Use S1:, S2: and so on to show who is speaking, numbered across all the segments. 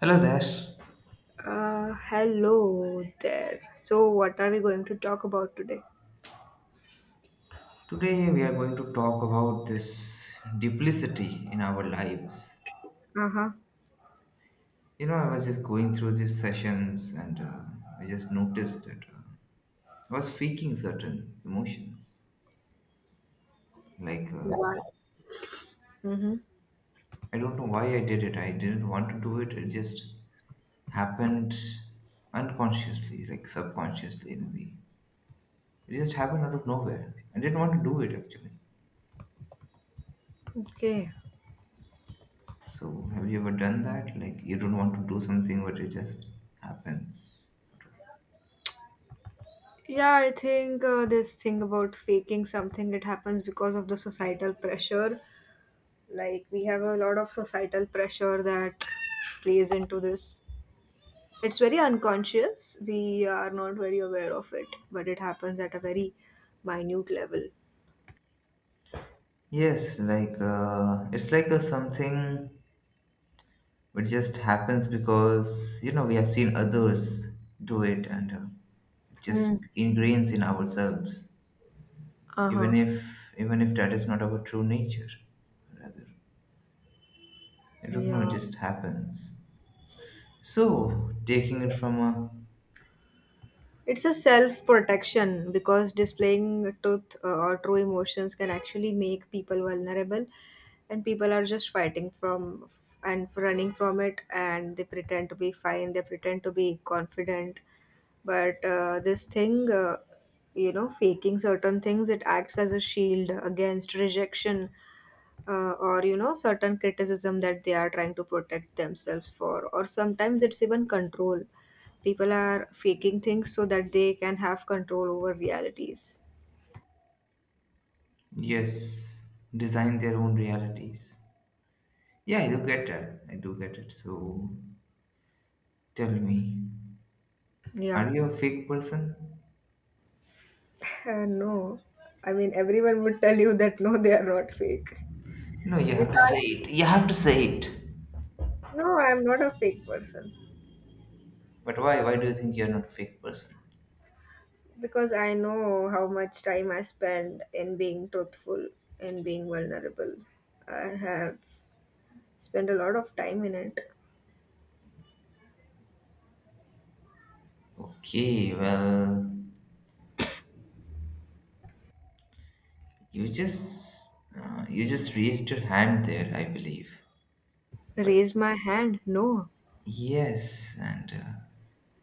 S1: Hello there.
S2: Hello there. So, what are we going to talk about today?
S1: Today we are going to talk about this duplicity in our lives.
S2: Uh huh.
S1: You know, I was just going through these sessions and I just noticed that I was faking certain emotions. Like, uh,
S2: Yeah. Mm-hmm.
S1: I don't know why I did it. I didn't want to do it. It just happened unconsciously, like subconsciously in a way. It just happened out of nowhere. I didn't want to do it actually.
S2: Okay.
S1: So, have you ever done that? Like, you don't want to do something, but it just happens.
S2: Yeah, I think this thing about faking something it happens because of the societal pressure. Like we have a lot of societal pressure that plays into this. It's very unconscious. We are not very aware of it, but it happens at a very minute level.
S1: Yes, it's like a something which just happens because, you know, we have seen others do it and it just
S2: Mm.
S1: ingrains in ourselves,
S2: Uh huh.
S1: even if, even if that is not our true nature. Rather, I don't know,
S2: Yeah.
S1: it just happens. So, taking it from a,
S2: It's a self protection because displaying truth or true emotions can actually make people vulnerable, and people are just fighting from and running from it, and they pretend to be fine, they pretend to be confident. But this thing, faking certain things, it acts as a shield against rejection or certain criticism that they are trying to protect themselves for. Or sometimes it's even control. People are faking things so that they can have control over realities.
S1: yes, design their own realities. Yeah, I do get that. I do get it. So tell me,
S2: Yeah.
S1: are you a fake person?
S2: No, I mean everyone would tell you that no, they are not fake.
S1: No, you
S2: You
S1: have to say
S2: can't.
S1: it. You have to say it.
S2: No, I'm not a fake person
S1: But why? Why do you think you're not a fake person?
S2: because I know how much time I spend in being truthful and being vulnerable. I have spent a lot of time in it.
S1: Okay, well, you just you just raised your hand there, I believe. But
S2: Raise my hand? No.
S1: yes, and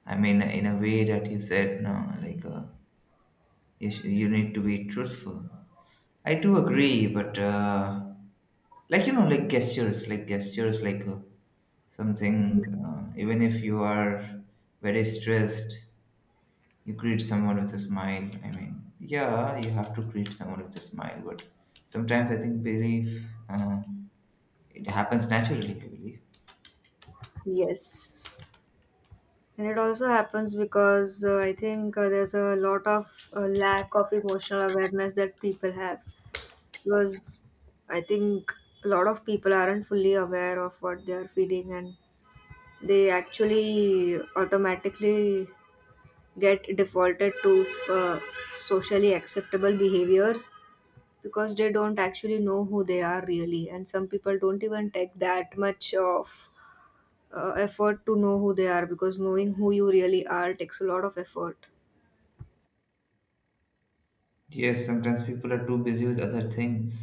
S1: I mean in a way that you said no, you need to be truthful. I do agree, but like you know, like gestures, something. Even if you are very stressed, you greet someone with a smile. I mean, yeah, you have to greet someone with a smile, but sometimes I think belief it happens naturally. I believe.
S2: Yes, and it also happens because I think there's a lot of lack of emotional awareness that people have, because I think a lot of people aren't fully aware of what they are feeling, and they actually automatically get defaulted to socially acceptable behaviors because they don't actually know who they are really. And some people don't even take that much of effort to know who they are, because knowing who you really are takes a lot of effort.
S1: Yes, sometimes people are too busy with other things,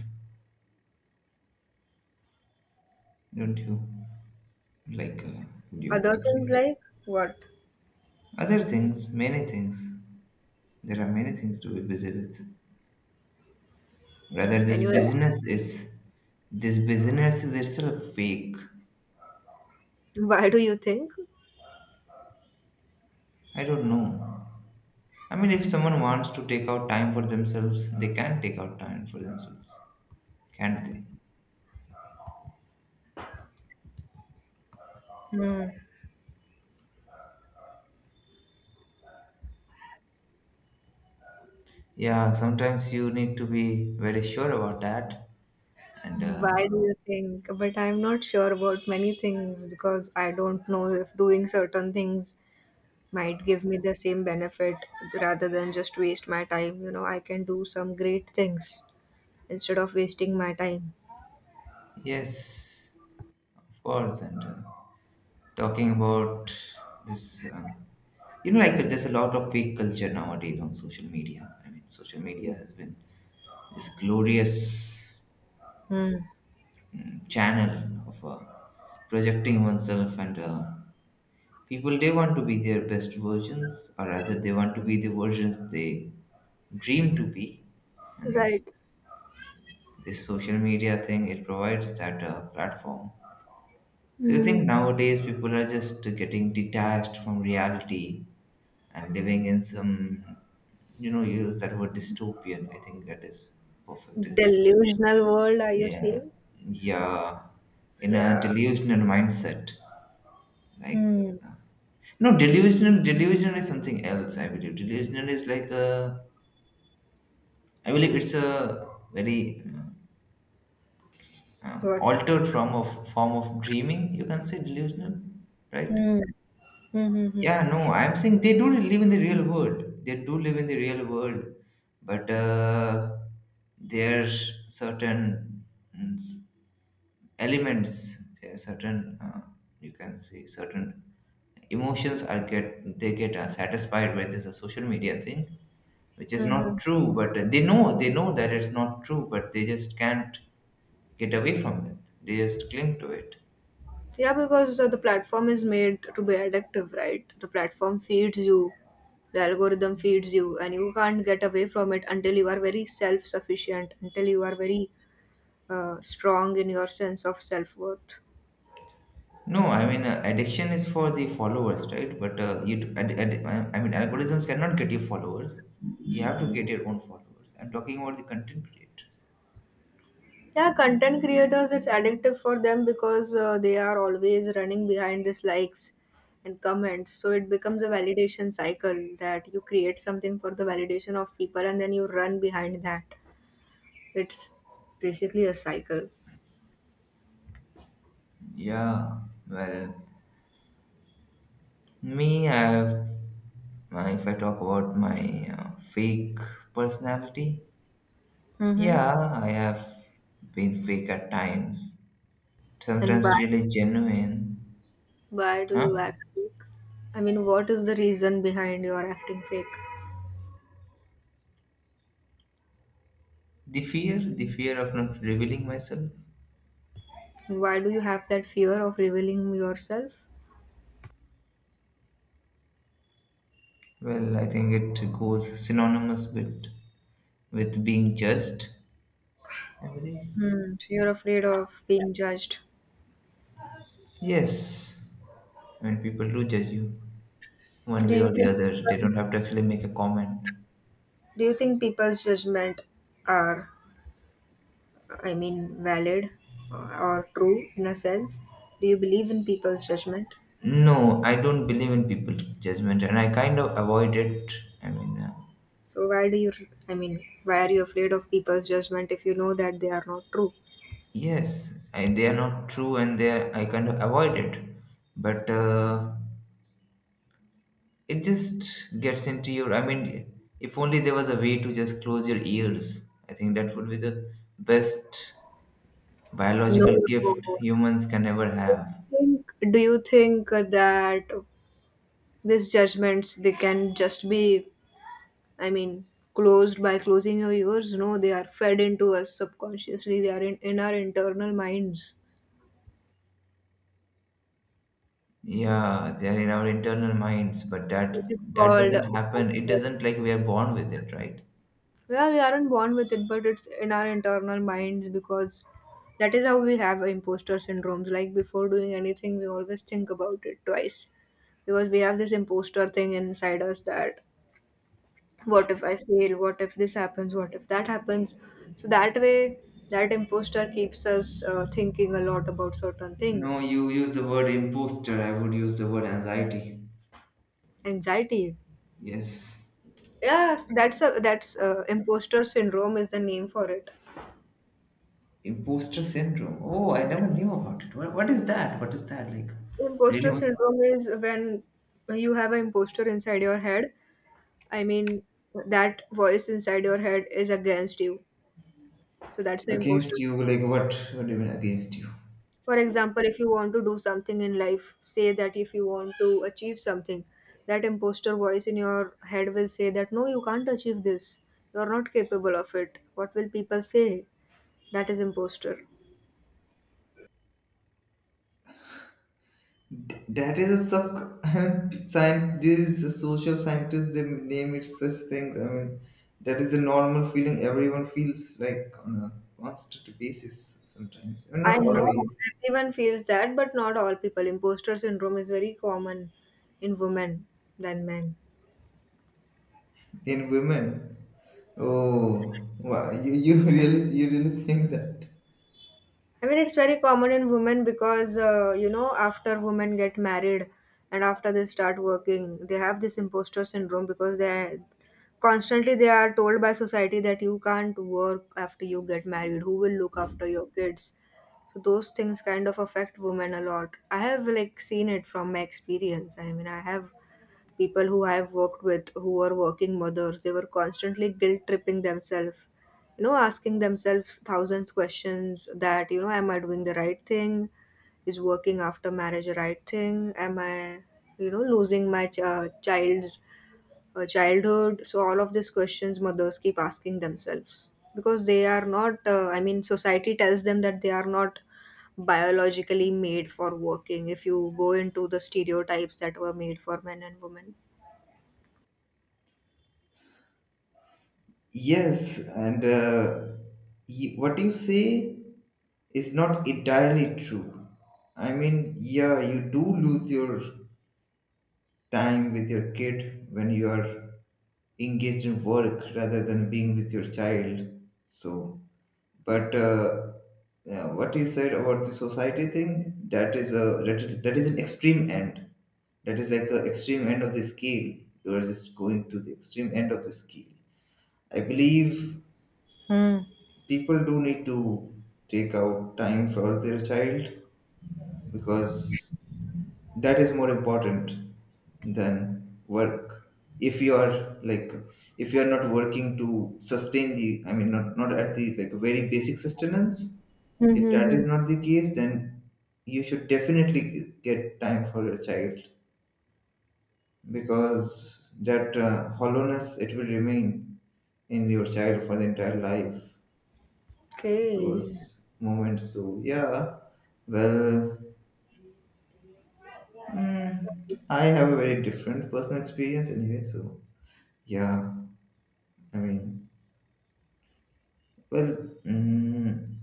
S1: don't you? Like, uh, do you
S2: Other things
S1: agree?
S2: like what?
S1: Other things, many things. There are many things to be busy with. Rather,
S2: Can you?
S1: this business is itself fake.
S2: Why do you think?
S1: I don't know. I mean, if someone wants to take out time for themselves, they can take out time for themselves, can't they? Yeah, sometimes you need to be very sure about that. And
S2: Why do you think? But I'm not sure about many things because I don't know if doing certain things might give me the same benefit rather than just waste my time. I can do some great things instead of wasting my time.
S1: yes, of course. And talking about this, you know, like there's a lot of fake culture nowadays on social media. I mean, social media has been this glorious
S2: Hmm.
S1: channel of projecting oneself and people they want to be their best versions, or rather they want to be the versions they dream to be, and this
S2: Right.
S1: this social media thing, it provides that platform. So you think
S2: Hmm.
S1: nowadays people are just getting detached from reality and living in some, you know, you use that word dystopian, I think that is perfect.
S2: Delusional world, are you
S1: Yeah,
S2: saying?
S1: yeah, in a
S2: Yeah.
S1: delusional mindset, like
S2: Hmm.
S1: uh, no, delusional. Delusional is something else. I believe delusional is like a. I believe it's a very
S2: What?
S1: altered form of dreaming. You can say delusional, right?
S2: Mm. Mm-hmm.
S1: Yeah. No, I'm saying they do live in the real world. They do live in the real world, but there's certain mm, elements. There are certain. You can say certain emotions are get they get satisfied by this social media thing, which is
S2: Mm-hmm.
S1: not true, but they know that it's not true, but they just can't get away from it, they just cling to it.
S2: Yeah, because the platform is made to be addictive, right? The platform feeds you, the algorithm feeds you, and you can't get away from it until you are very self sufficient, until you are very strong in your sense of self worth.
S1: No, I mean, addiction is for the followers, right? But you d- ad, ad, I mean algorithms cannot get you followers, you have to get your own followers, I'm talking about the content creators.
S2: Yeah, content creators, it's addictive for them because they are always running behind these likes and comments. So it becomes a validation cycle that you create something for the validation of people and then you run behind that. It's basically a cycle.
S1: Yeah, well, me I have if I talk about my fake personality,
S2: Mm-hmm.
S1: yeah I have been fake at times,
S2: And why
S1: sometimes really genuine.
S2: do you
S1: Huh?
S2: act fake? I mean, what is the reason behind your acting fake?
S1: The fear of not revealing myself.
S2: And why do you have that fear of revealing yourself?
S1: Well, I think it goes synonymous with being judged. I believe.
S2: Hmm. So you're afraid of being judged.
S1: Yes, when people do judge you, one
S2: Do
S1: way
S2: you
S1: or the
S2: think
S1: other, they
S2: people-
S1: don't have to actually make a comment.
S2: do you think people's judgment are, I mean, valid or true in a sense? Do you believe in people's judgment?
S1: No, I don't believe in people's judgment, and I kind of avoid it. I mean, uh,
S2: So why do you I mean, why are you afraid of people's judgment if you know that they are not true?
S1: yes, I, they are not true, and they are, I kind of avoid it. But it just gets into your. I mean, if only there was a way to just close your ears, I think that would be the best
S2: No.
S1: biological gift humans can ever have.
S2: Do you think that these judgments they can just be, I mean, closed by closing your ears? No, they are fed into us subconsciously. They are in our internal minds,
S1: Yeah, they are in our internal minds, but that
S2: which is
S1: that
S2: called.
S1: doesn't happen. It
S2: Poster.
S1: doesn't like we are born with it, right?
S2: Yeah, we aren't born with it, but it's in our internal minds because that is how we have imposter syndromes. Like before doing anything, we always think about it twice because we have this imposter thing inside us that what if I fail, what if this happens, what if that happens? So that way that imposter keeps us thinking a lot about certain things.
S1: No, you use the word imposter. I would use the word anxiety.
S2: Anxiety.
S1: Yes,
S2: Yes, that's a that's imposter syndrome is the name for it.
S1: imposter syndrome. Oh, I never knew about it. What is that? What is that like? Really?
S2: Imposter
S1: What?
S2: syndrome is when you have an imposter inside your head. I mean, that voice inside your head is against you. So that's the
S1: Against
S2: imposter
S1: you?
S2: syndrome.
S1: Like what? What do you mean against you?
S2: For example, if you want to do something in life, say that if you want to achieve something, that imposter voice in your head will say that no, you can't achieve this. You are not capable of it. What will people say? That is imposter.
S1: That is a sub scientist, these social scientists, they name it such things. I mean, that is a normal feeling everyone feels like on a constant basis sometimes. I mean, not
S2: I know
S1: always.
S2: everyone feels that, but not all people. Imposter syndrome is very common in women than men.
S1: In women, oh, wow, you really you really think that?
S2: I mean, it's very common in women because, after women get married and after they start working, they have this imposter syndrome because they constantly they are told by society that you can't work after you get married. Who will look after your kids? So those things kind of affect women a lot. I have like seen it from my experience. I mean, I have people who I've worked with who are working mothers, they were constantly guilt tripping themselves, asking themselves thousands questions that, am I doing the right thing? Is working after marriage a right thing? Am I, losing my child's childhood? So, all of these questions mothers keep asking themselves because they are not, I mean, society tells them that they are not biologically made for working if you go into the stereotypes that were made for men and women.
S1: Yes, and what you say is not entirely true. I mean, yeah, you do lose your time with your kid when you are engaged in work rather than being with your child. So, but yeah, what you said about the society thing, that is an extreme end. That is like an extreme end of the scale. You are just going to the extreme end of the scale. I believe
S2: Mm.
S1: people do need to take out time for their child, because that is more important than work. If you are like, if you are not working to sustain the, I mean, not at the like very basic sustenance, if that
S2: Mm-hmm.
S1: is not the case, then you should definitely get time for your child, because that hollowness it will remain in your child for the entire life,
S2: Okay.
S1: those moments. So yeah, well, mm, I have a very different personal experience anyway. So yeah, I mean, well, mm,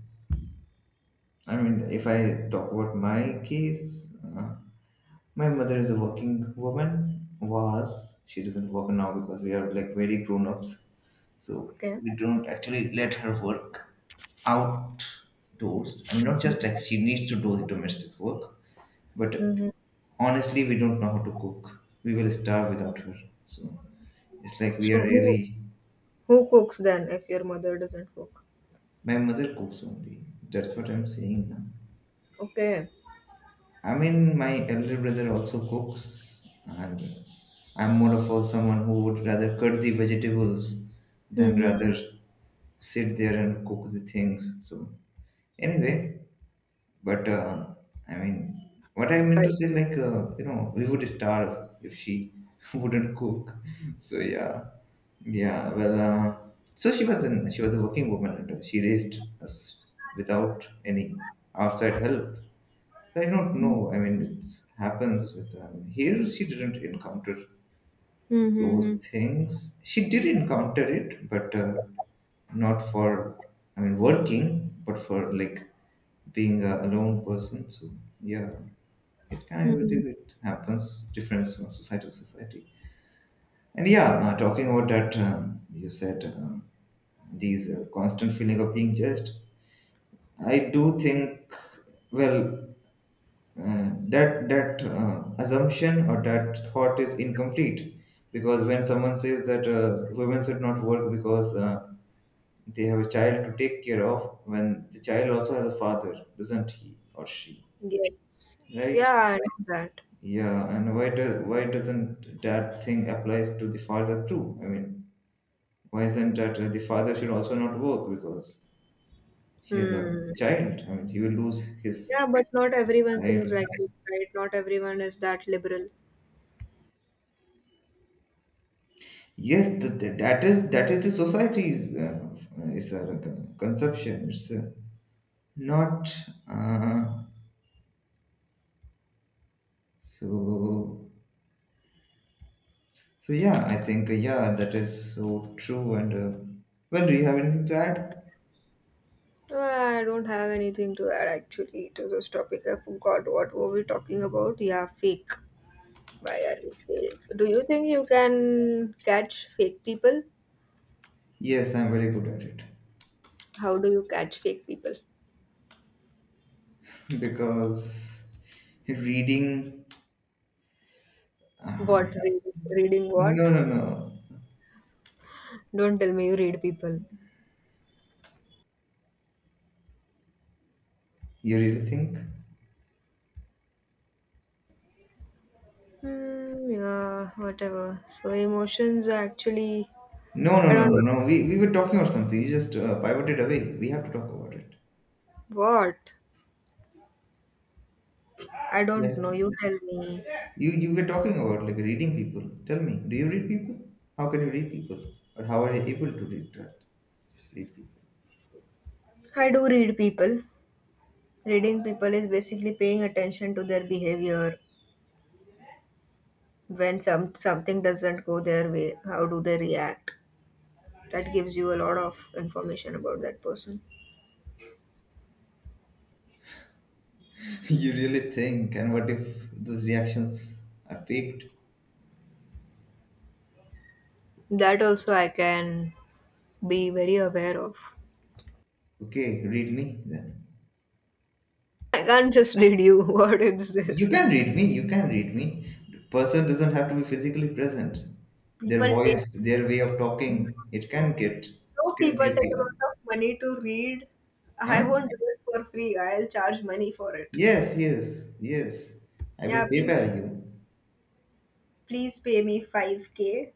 S1: I mean, if I talk about my case, uh, my mother is a working woman. Was, she doesn't work now because we are like very grown ups, so
S2: Okay.
S1: we don't actually let her work outdoors. I mean, not just like she needs to do the domestic work, but
S2: Mm-hmm.
S1: honestly, we don't know how to cook. We will starve without her. So it's like we are
S2: So who
S1: really.
S2: who cooks then if your mother doesn't cook?
S1: My mother cooks only. That's what I'm saying now.
S2: Okay.
S1: I mean, my elder brother also cooks, and I'm more of a someone who would rather cut the vegetables than
S2: Mm-hmm.
S1: rather sit there and cook the things. So anyway, but I mean, what I meant
S2: Right.
S1: to say, you know, we would starve if she wouldn't cook. So yeah, yeah. Well, so she was a working woman, and she raised us without any outside help. So, I don't know. I mean, it happens with here. She didn't encounter those
S2: Mm-hmm.
S1: things. She did encounter it, but not for, I mean working, but for like being a alone person. So yeah, it kind of
S2: Mm-hmm.
S1: it, happens different from society to society. And yeah, talking about that, you said these constant feeling of being judged. I do think well. That that assumption or that thought is incomplete, because when someone says that women should not work because they have a child to take care of, when the child also has a father, doesn't he or she,
S2: Yes.
S1: right?
S2: Yeah, I know that.
S1: Yeah, and why doesn't that thing applies to the father too? I mean, why isn't that the father should also not work because he has a
S2: Hmm.
S1: child, I mean he will lose his
S2: Yeah, but not everyone thinks like
S1: child.
S2: this, right? Not everyone is that liberal.
S1: Yes, that is the society's is a conception. It's not uh, so. So yeah, I think yeah, that is so true. And well, do you have anything to add?
S2: I don't have anything to add actually to this topic. I forgot what were we talking about. Yeah, fake. Why are we fake? Do you think you can catch fake people?
S1: Yes, I'm very good at it
S2: How do you catch fake people?
S1: because reading. Uh,
S2: What read, Reading what?
S1: no, no, no.
S2: Don't tell me you read people.
S1: You really think?
S2: Hmm, yeah, whatever. So emotions are actually...
S1: No, no,
S2: I
S1: no,
S2: don't...
S1: no, no. We were talking about something. You just pivoted away. We have to talk about it.
S2: what? I
S1: Yeah.
S2: don't know. You tell me.
S1: You were talking about like reading people. Tell me, do you read people? How can you read people, or how are you able to read people?
S2: I do read people. Reading people is basically paying attention to their behavior. When something doesn't go their way, how do they react? That gives you a lot of information about that person.
S1: you really think? And what if those reactions are faked?
S2: That also I can be very aware of.
S1: Okay, read me then.
S2: I can't just read you. What is
S1: You
S2: this?
S1: can read me. You can read me. The person doesn't have to be physically present. Their
S2: People take
S1: voice, their way of talking,
S2: No,
S1: it can
S2: people
S1: get
S2: take a
S1: you.
S2: lot of money to read. I
S1: Huh?
S2: won't do it for free. I'll charge money for it.
S1: Yes, yes, yes. I will
S2: Yeah, please
S1: PayPal you.
S2: please pay me 5K.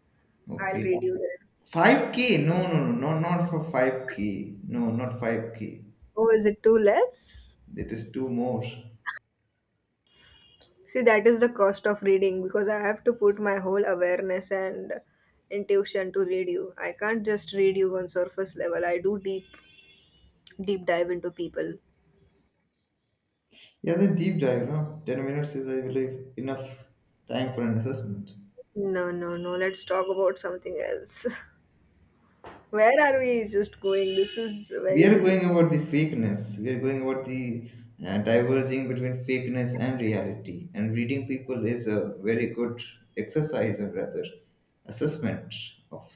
S2: I'll read
S1: Okay.
S2: you then.
S1: 5K? No, no, no, no, not for 5K. No, not 5K.
S2: Oh, is it too less?
S1: It is two more.
S2: See, that is the cost of reading because I have to put my whole awareness and intuition to read you. I can't just read you on surface level. I do deep dive into people.
S1: Yeah, the deep dive, no? 10 minutes is, I believe, enough time for an assessment.
S2: No, no, no. Let's talk about something else. Where are we just going? This is
S1: We are
S2: very...
S1: going about the fakeness. We are going about the diverging between fakeness and reality. And reading people is a very good exercise, or rather, assessment of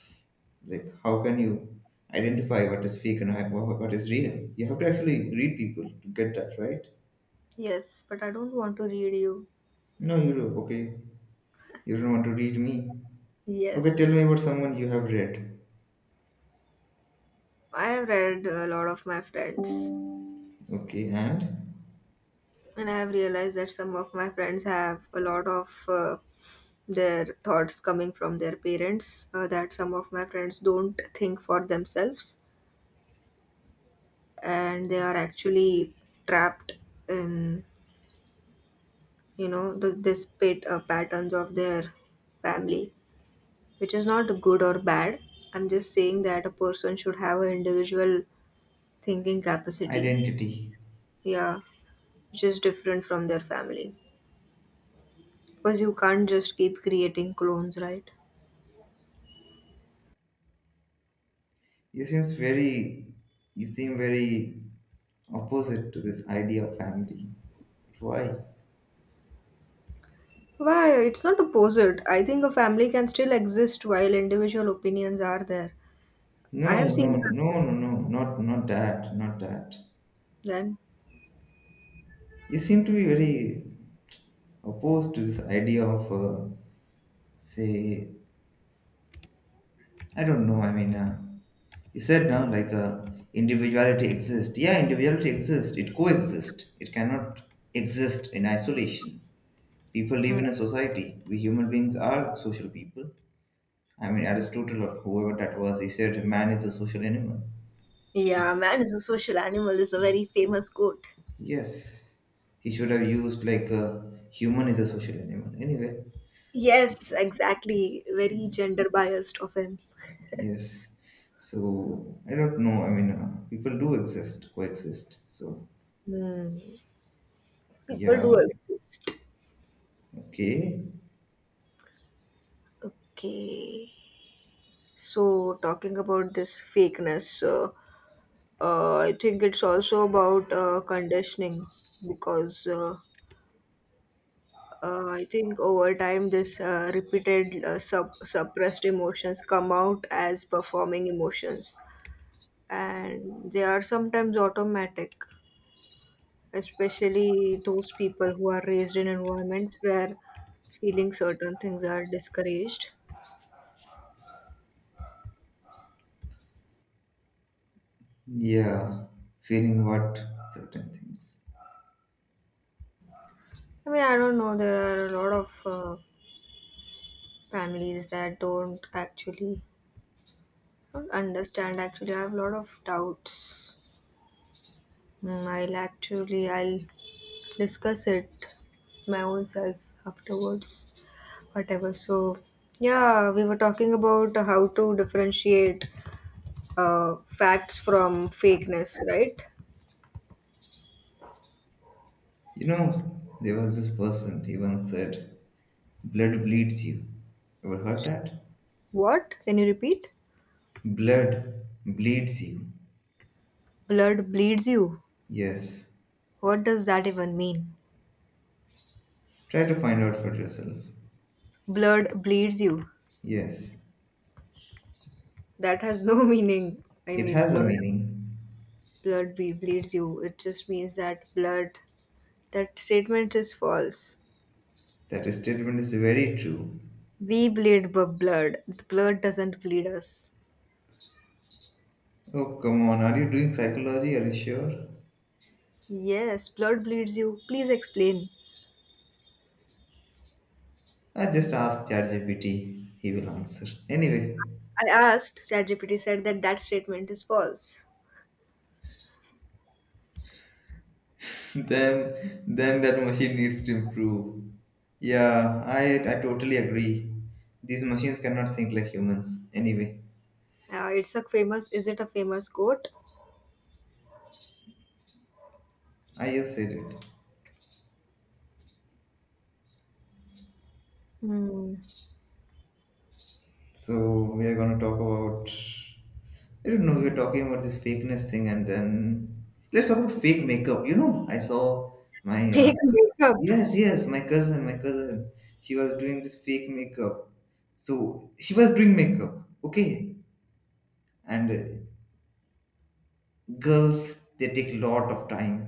S1: like how can you identify what is fake and what is real. You have to actually read people to get that right.
S2: Yes, but I don't want to read you.
S1: No, you okay. You don't want to read me. Okay, tell me
S2: Yes.
S1: about someone you have read.
S2: I have read a lot of my friends,
S1: Okay, and
S2: and I have realized that some of my friends have a lot of their thoughts coming from their parents, that some of my friends don't think for themselves, and they are actually trapped in, this patterns of their family, which is not good or bad. I'm just saying that a person should have an individual thinking capacity,
S1: identity.
S2: yeah, which is different from their family. Because you can't just keep creating clones, right?
S1: You seems very you seem very opposite to this idea of family. Why?
S2: Why? It's not opposite. I think a family can still exist while individual opinions are there.
S1: No,
S2: I have
S1: no,
S2: seen that.
S1: no, no, no, not that, not that.
S2: Then...
S1: You seem to be very opposed to this idea of say I don't know. I mean, you said now like individuality exists. Yeah, individuality exists. It coexists. It cannot exist in isolation. People live
S2: Hmm.
S1: in a society. We human beings are social people. I mean, Aristotle or whoever that was, he said man is a social animal.
S2: Yeah, man is a social animal is a very famous quote.
S1: Yes, he should have used like human is a social animal. Anyway, so,
S2: Yes, exactly. Very gender biased of him.
S1: yes. So I don't know. I mean, people do exist, coexist. So
S2: Hmm. People do
S1: yeah,
S2: exist.
S1: okay.
S2: Okay. So, talking about this fakeness, I think it's also about conditioning because I think over time, this repeated suppressed emotions come out as performing emotions, and they are sometimes automatic, especially those people who are raised in environments where feeling certain things are discouraged.
S1: Yeah, feeling what certain things.
S2: I mean, I don't know. There are a lot of families that don't understand. Actually, I have a lot of doubts. Mm, I'll discuss it my own self afterwards. Whatever. So, yeah, we were talking about how to differentiate facts from fakeness, right?
S1: You know, there was this person, he once said, blood bleeds you. Ever heard that?
S2: What, can you repeat?
S1: Blood bleeds you.
S2: Blood bleeds you?
S1: Yes.
S2: What does that even mean?
S1: Try to find out for yourself.
S2: Blood bleeds you?
S1: Yes.
S2: That has no meaning. I
S1: It
S2: mean,
S1: has a
S2: blood
S1: meaning.
S2: blood be bleeds you. It just means that that statement is false.
S1: That statement is very true.
S2: We bleed blood. Blood doesn't bleed us.
S1: Oh, come on. Are you doing psychology? Are you sure?
S2: Yes, blood bleeds you. Please explain.
S1: I just ask ChatGPT. He will answer. Anyway,
S2: I asked, ChatGPT said that that statement is false.
S1: then that machine needs to improve. Yeah, I totally agree. These machines cannot think like humans. Anyway,
S2: Is it a famous quote?
S1: I just said it.
S2: Hmm.
S1: So we are gonna talk about I don't know, we were talking about this fakeness thing and then let's talk about fake makeup. You know, I saw my
S2: Fake makeup.
S1: yes, yes, my cousin. She was doing this fake makeup. So she was doing makeup, okay? And girls, they take a lot of time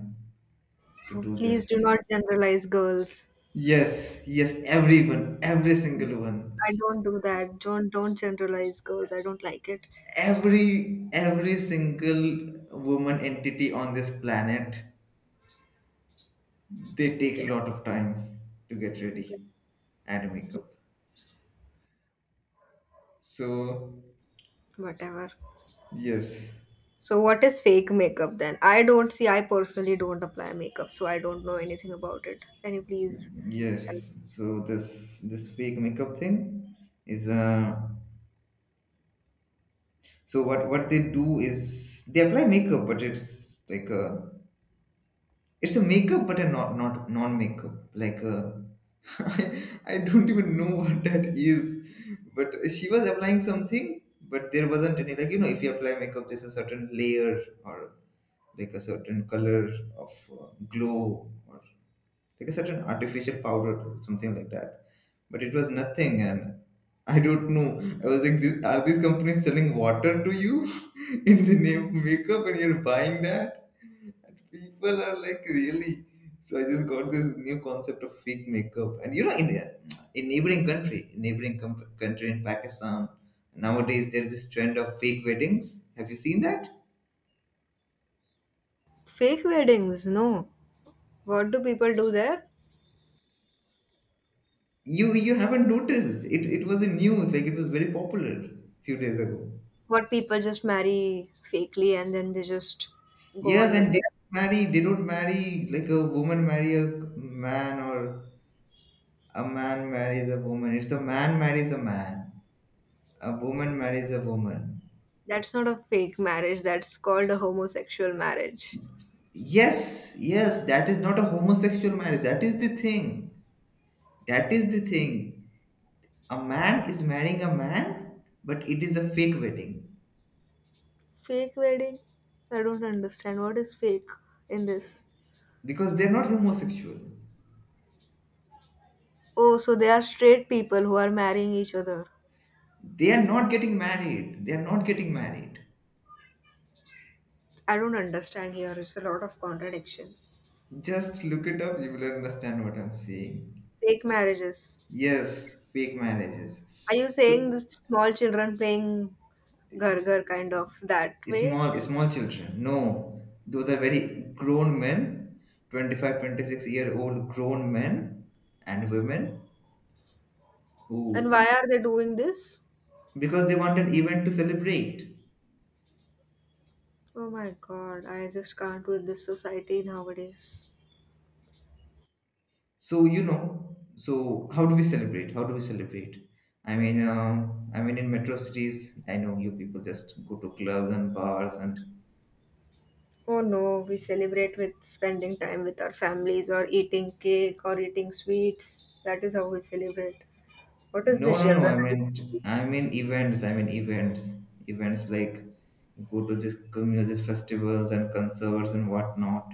S1: to do this.
S2: Please do not generalize girls.
S1: Yes, yes, everyone, every single one,
S2: I don't do that. Don't generalize girls. I don't like it.
S1: every every single woman entity on this planet, they take a
S2: Okay.
S1: lot of time to get
S2: Okay.
S1: ready and makeup. So
S2: Whatever.
S1: yes,
S2: So what is fake makeup then? I personally don't apply makeup, so I don't know anything about it. Can you please tell?
S1: yes, so this fake makeup thing is so what they do is they apply makeup, but it's like a it's a makeup, but a not non makeup. Like I I don't even know what that is. But she was applying something, but there wasn't any like if you apply makeup, there's a certain layer or like a certain color of glow or like a certain artificial powder, something like that. But it was nothing, and I don't know. I was like, this, are these companies selling water to you in the name of makeup, and you're buying that? And people are like, really? So I just got this new concept of fake makeup, and in neighboring country, in neighboring country in Pakistan, nowadays there's this trend of fake weddings. Have you seen that?
S2: Fake weddings, no. What do people do there?
S1: You haven't noticed it. It was a new like it was very popular few days ago.
S2: What, people just marry fakely and then they just go
S1: Yes,
S2: on with
S1: and they
S2: that?
S1: marry. They don't marry like a woman marry a man or a man marries a woman. It's a man marries a man. A woman marries a woman.
S2: That's not a fake marriage, that's called a homosexual marriage.
S1: Yes, yes, that is not a homosexual marriage. That is the thing. That is the thing. A man is marrying a man, but it is a fake wedding
S2: Fake wedding? I don't understand. What is fake in this?
S1: because they're not homosexual.
S2: Oh, so they are straight people who are marrying each other.
S1: They are not getting married. They are not getting married.
S2: I don't understand, here it's a lot of contradiction.
S1: Just look it up. You will understand what I'm saying.
S2: Fake marriages.
S1: Yes, fake marriages.
S2: Are you saying
S1: So
S2: the small children playing gargar kind of that way?
S1: small small children. No, those are very grown men, 25, 26-year old grown men and women
S2: And
S1: who
S2: why are they doing this?
S1: because they want an event to celebrate.
S2: Oh my god, I just can't with this society nowadays.
S1: So so how do we celebrate? How do we celebrate? I mean, in metro cities, I know you people just go to clubs and bars and
S2: Oh no, we celebrate with spending time with our families or eating cake or eating sweets. That is how we celebrate. What is
S1: no,
S2: this
S1: no, no.
S2: general?
S1: I meant, I mean events. I mean events. Events like go to these music festivals and concerts and whatnot.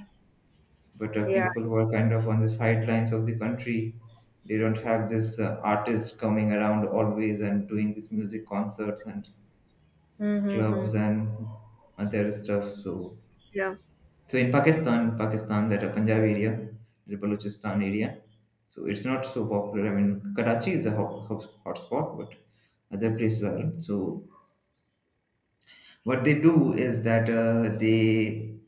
S1: But
S2: Yeah.
S1: people who are kind of on the sidelines of the country, they don't have this artist coming around always and doing these music concerts and clubs
S2: Mm-hmm.
S1: and other stuff. So
S2: Yeah.
S1: so in Pakistan, Pakistan, that a Punjab area, the Balochistan area, so it's not so popular. I mean, Karachi is a hot, hot, hotspot, but other places are. So what they do is that they,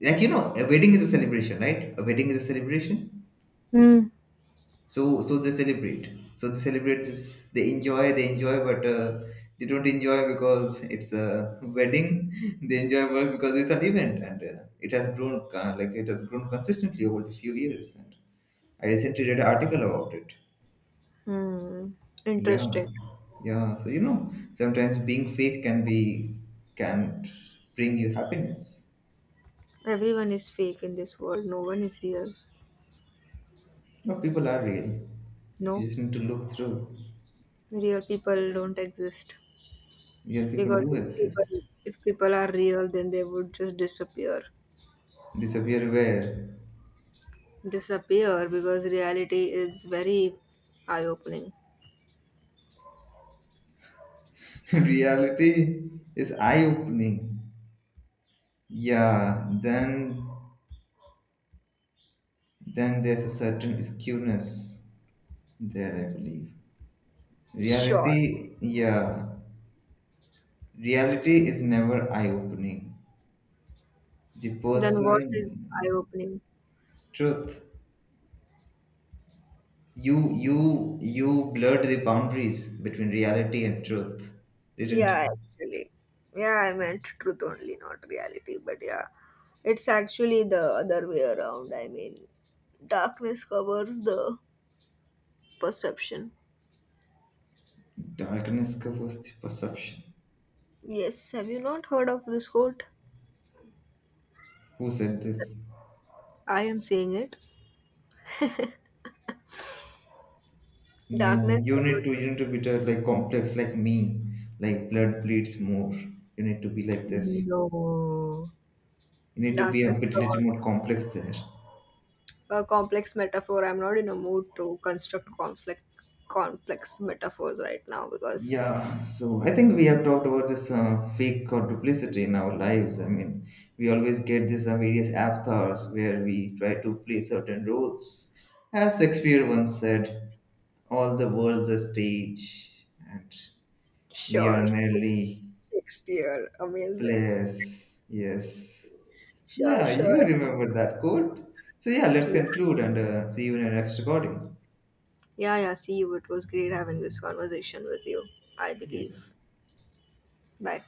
S1: like a wedding is a celebration, right? A wedding is a celebration.
S2: Mm.
S1: So they celebrate. So they celebrate this. They enjoy. They enjoy, but they don't enjoy because it's a wedding. They enjoy well because it's an event, and it has grown consistently over the few years. And I recently read an article about it.
S2: Hmm.
S1: Yeah,
S2: Interesting.
S1: yeah. So sometimes being fake can be can bring you happiness.
S2: Everyone is fake in this world. No one is real.
S1: No, people are real. You
S2: No.
S1: just need to look through.
S2: Real people don't exist,
S1: Real people
S2: because
S1: do exist.
S2: if people are real then they would just
S1: Disappear where?
S2: disappear. Because reality is very eye opening.
S1: Reality is eye-opening. Yeah, then there's a certain skewness there, I believe.
S2: Sure.
S1: Reality, yeah, reality is never eye-opening. The
S2: Then what is eye
S1: person,
S2: opening?
S1: truth, you blurred the boundaries between reality and truth, didn't you?
S2: Yeah, actually, yeah, I meant truth only, not reality. But yeah, it's actually the other way around. I mean, darkness covers the perception.
S1: Darkness covers the perception.
S2: Yes, have you not heard of this quote?
S1: Who said this?
S2: I am saying it.
S1: No,
S2: Darkness
S1: you need to
S2: covers...
S1: you need to be the, like complex like me, like blood bleeds more. You need to be like this.
S2: No.
S1: You need to be a
S2: Darkness
S1: bit little
S2: covers
S1: more complex there.
S2: a complex metaphor. I'm not in a mood to construct complex metaphors right now, because...
S1: Yeah, so I think we have talked about this fake or duplicity in our lives. I mean, we always get these various avatars where we try to play certain roles. As Shakespeare once said, all the world's a stage and we are
S2: Sure.
S1: merely
S2: Shakespeare, amazing.
S1: players. Yes.
S2: Sure,
S1: Yeah,
S2: sure.
S1: you remember that quote. So yeah, let's
S2: Yeah,
S1: conclude and see you in our next recording.
S2: yeah. See you. It was great having this conversation with you, I
S1: Yes.
S2: believe. Bye.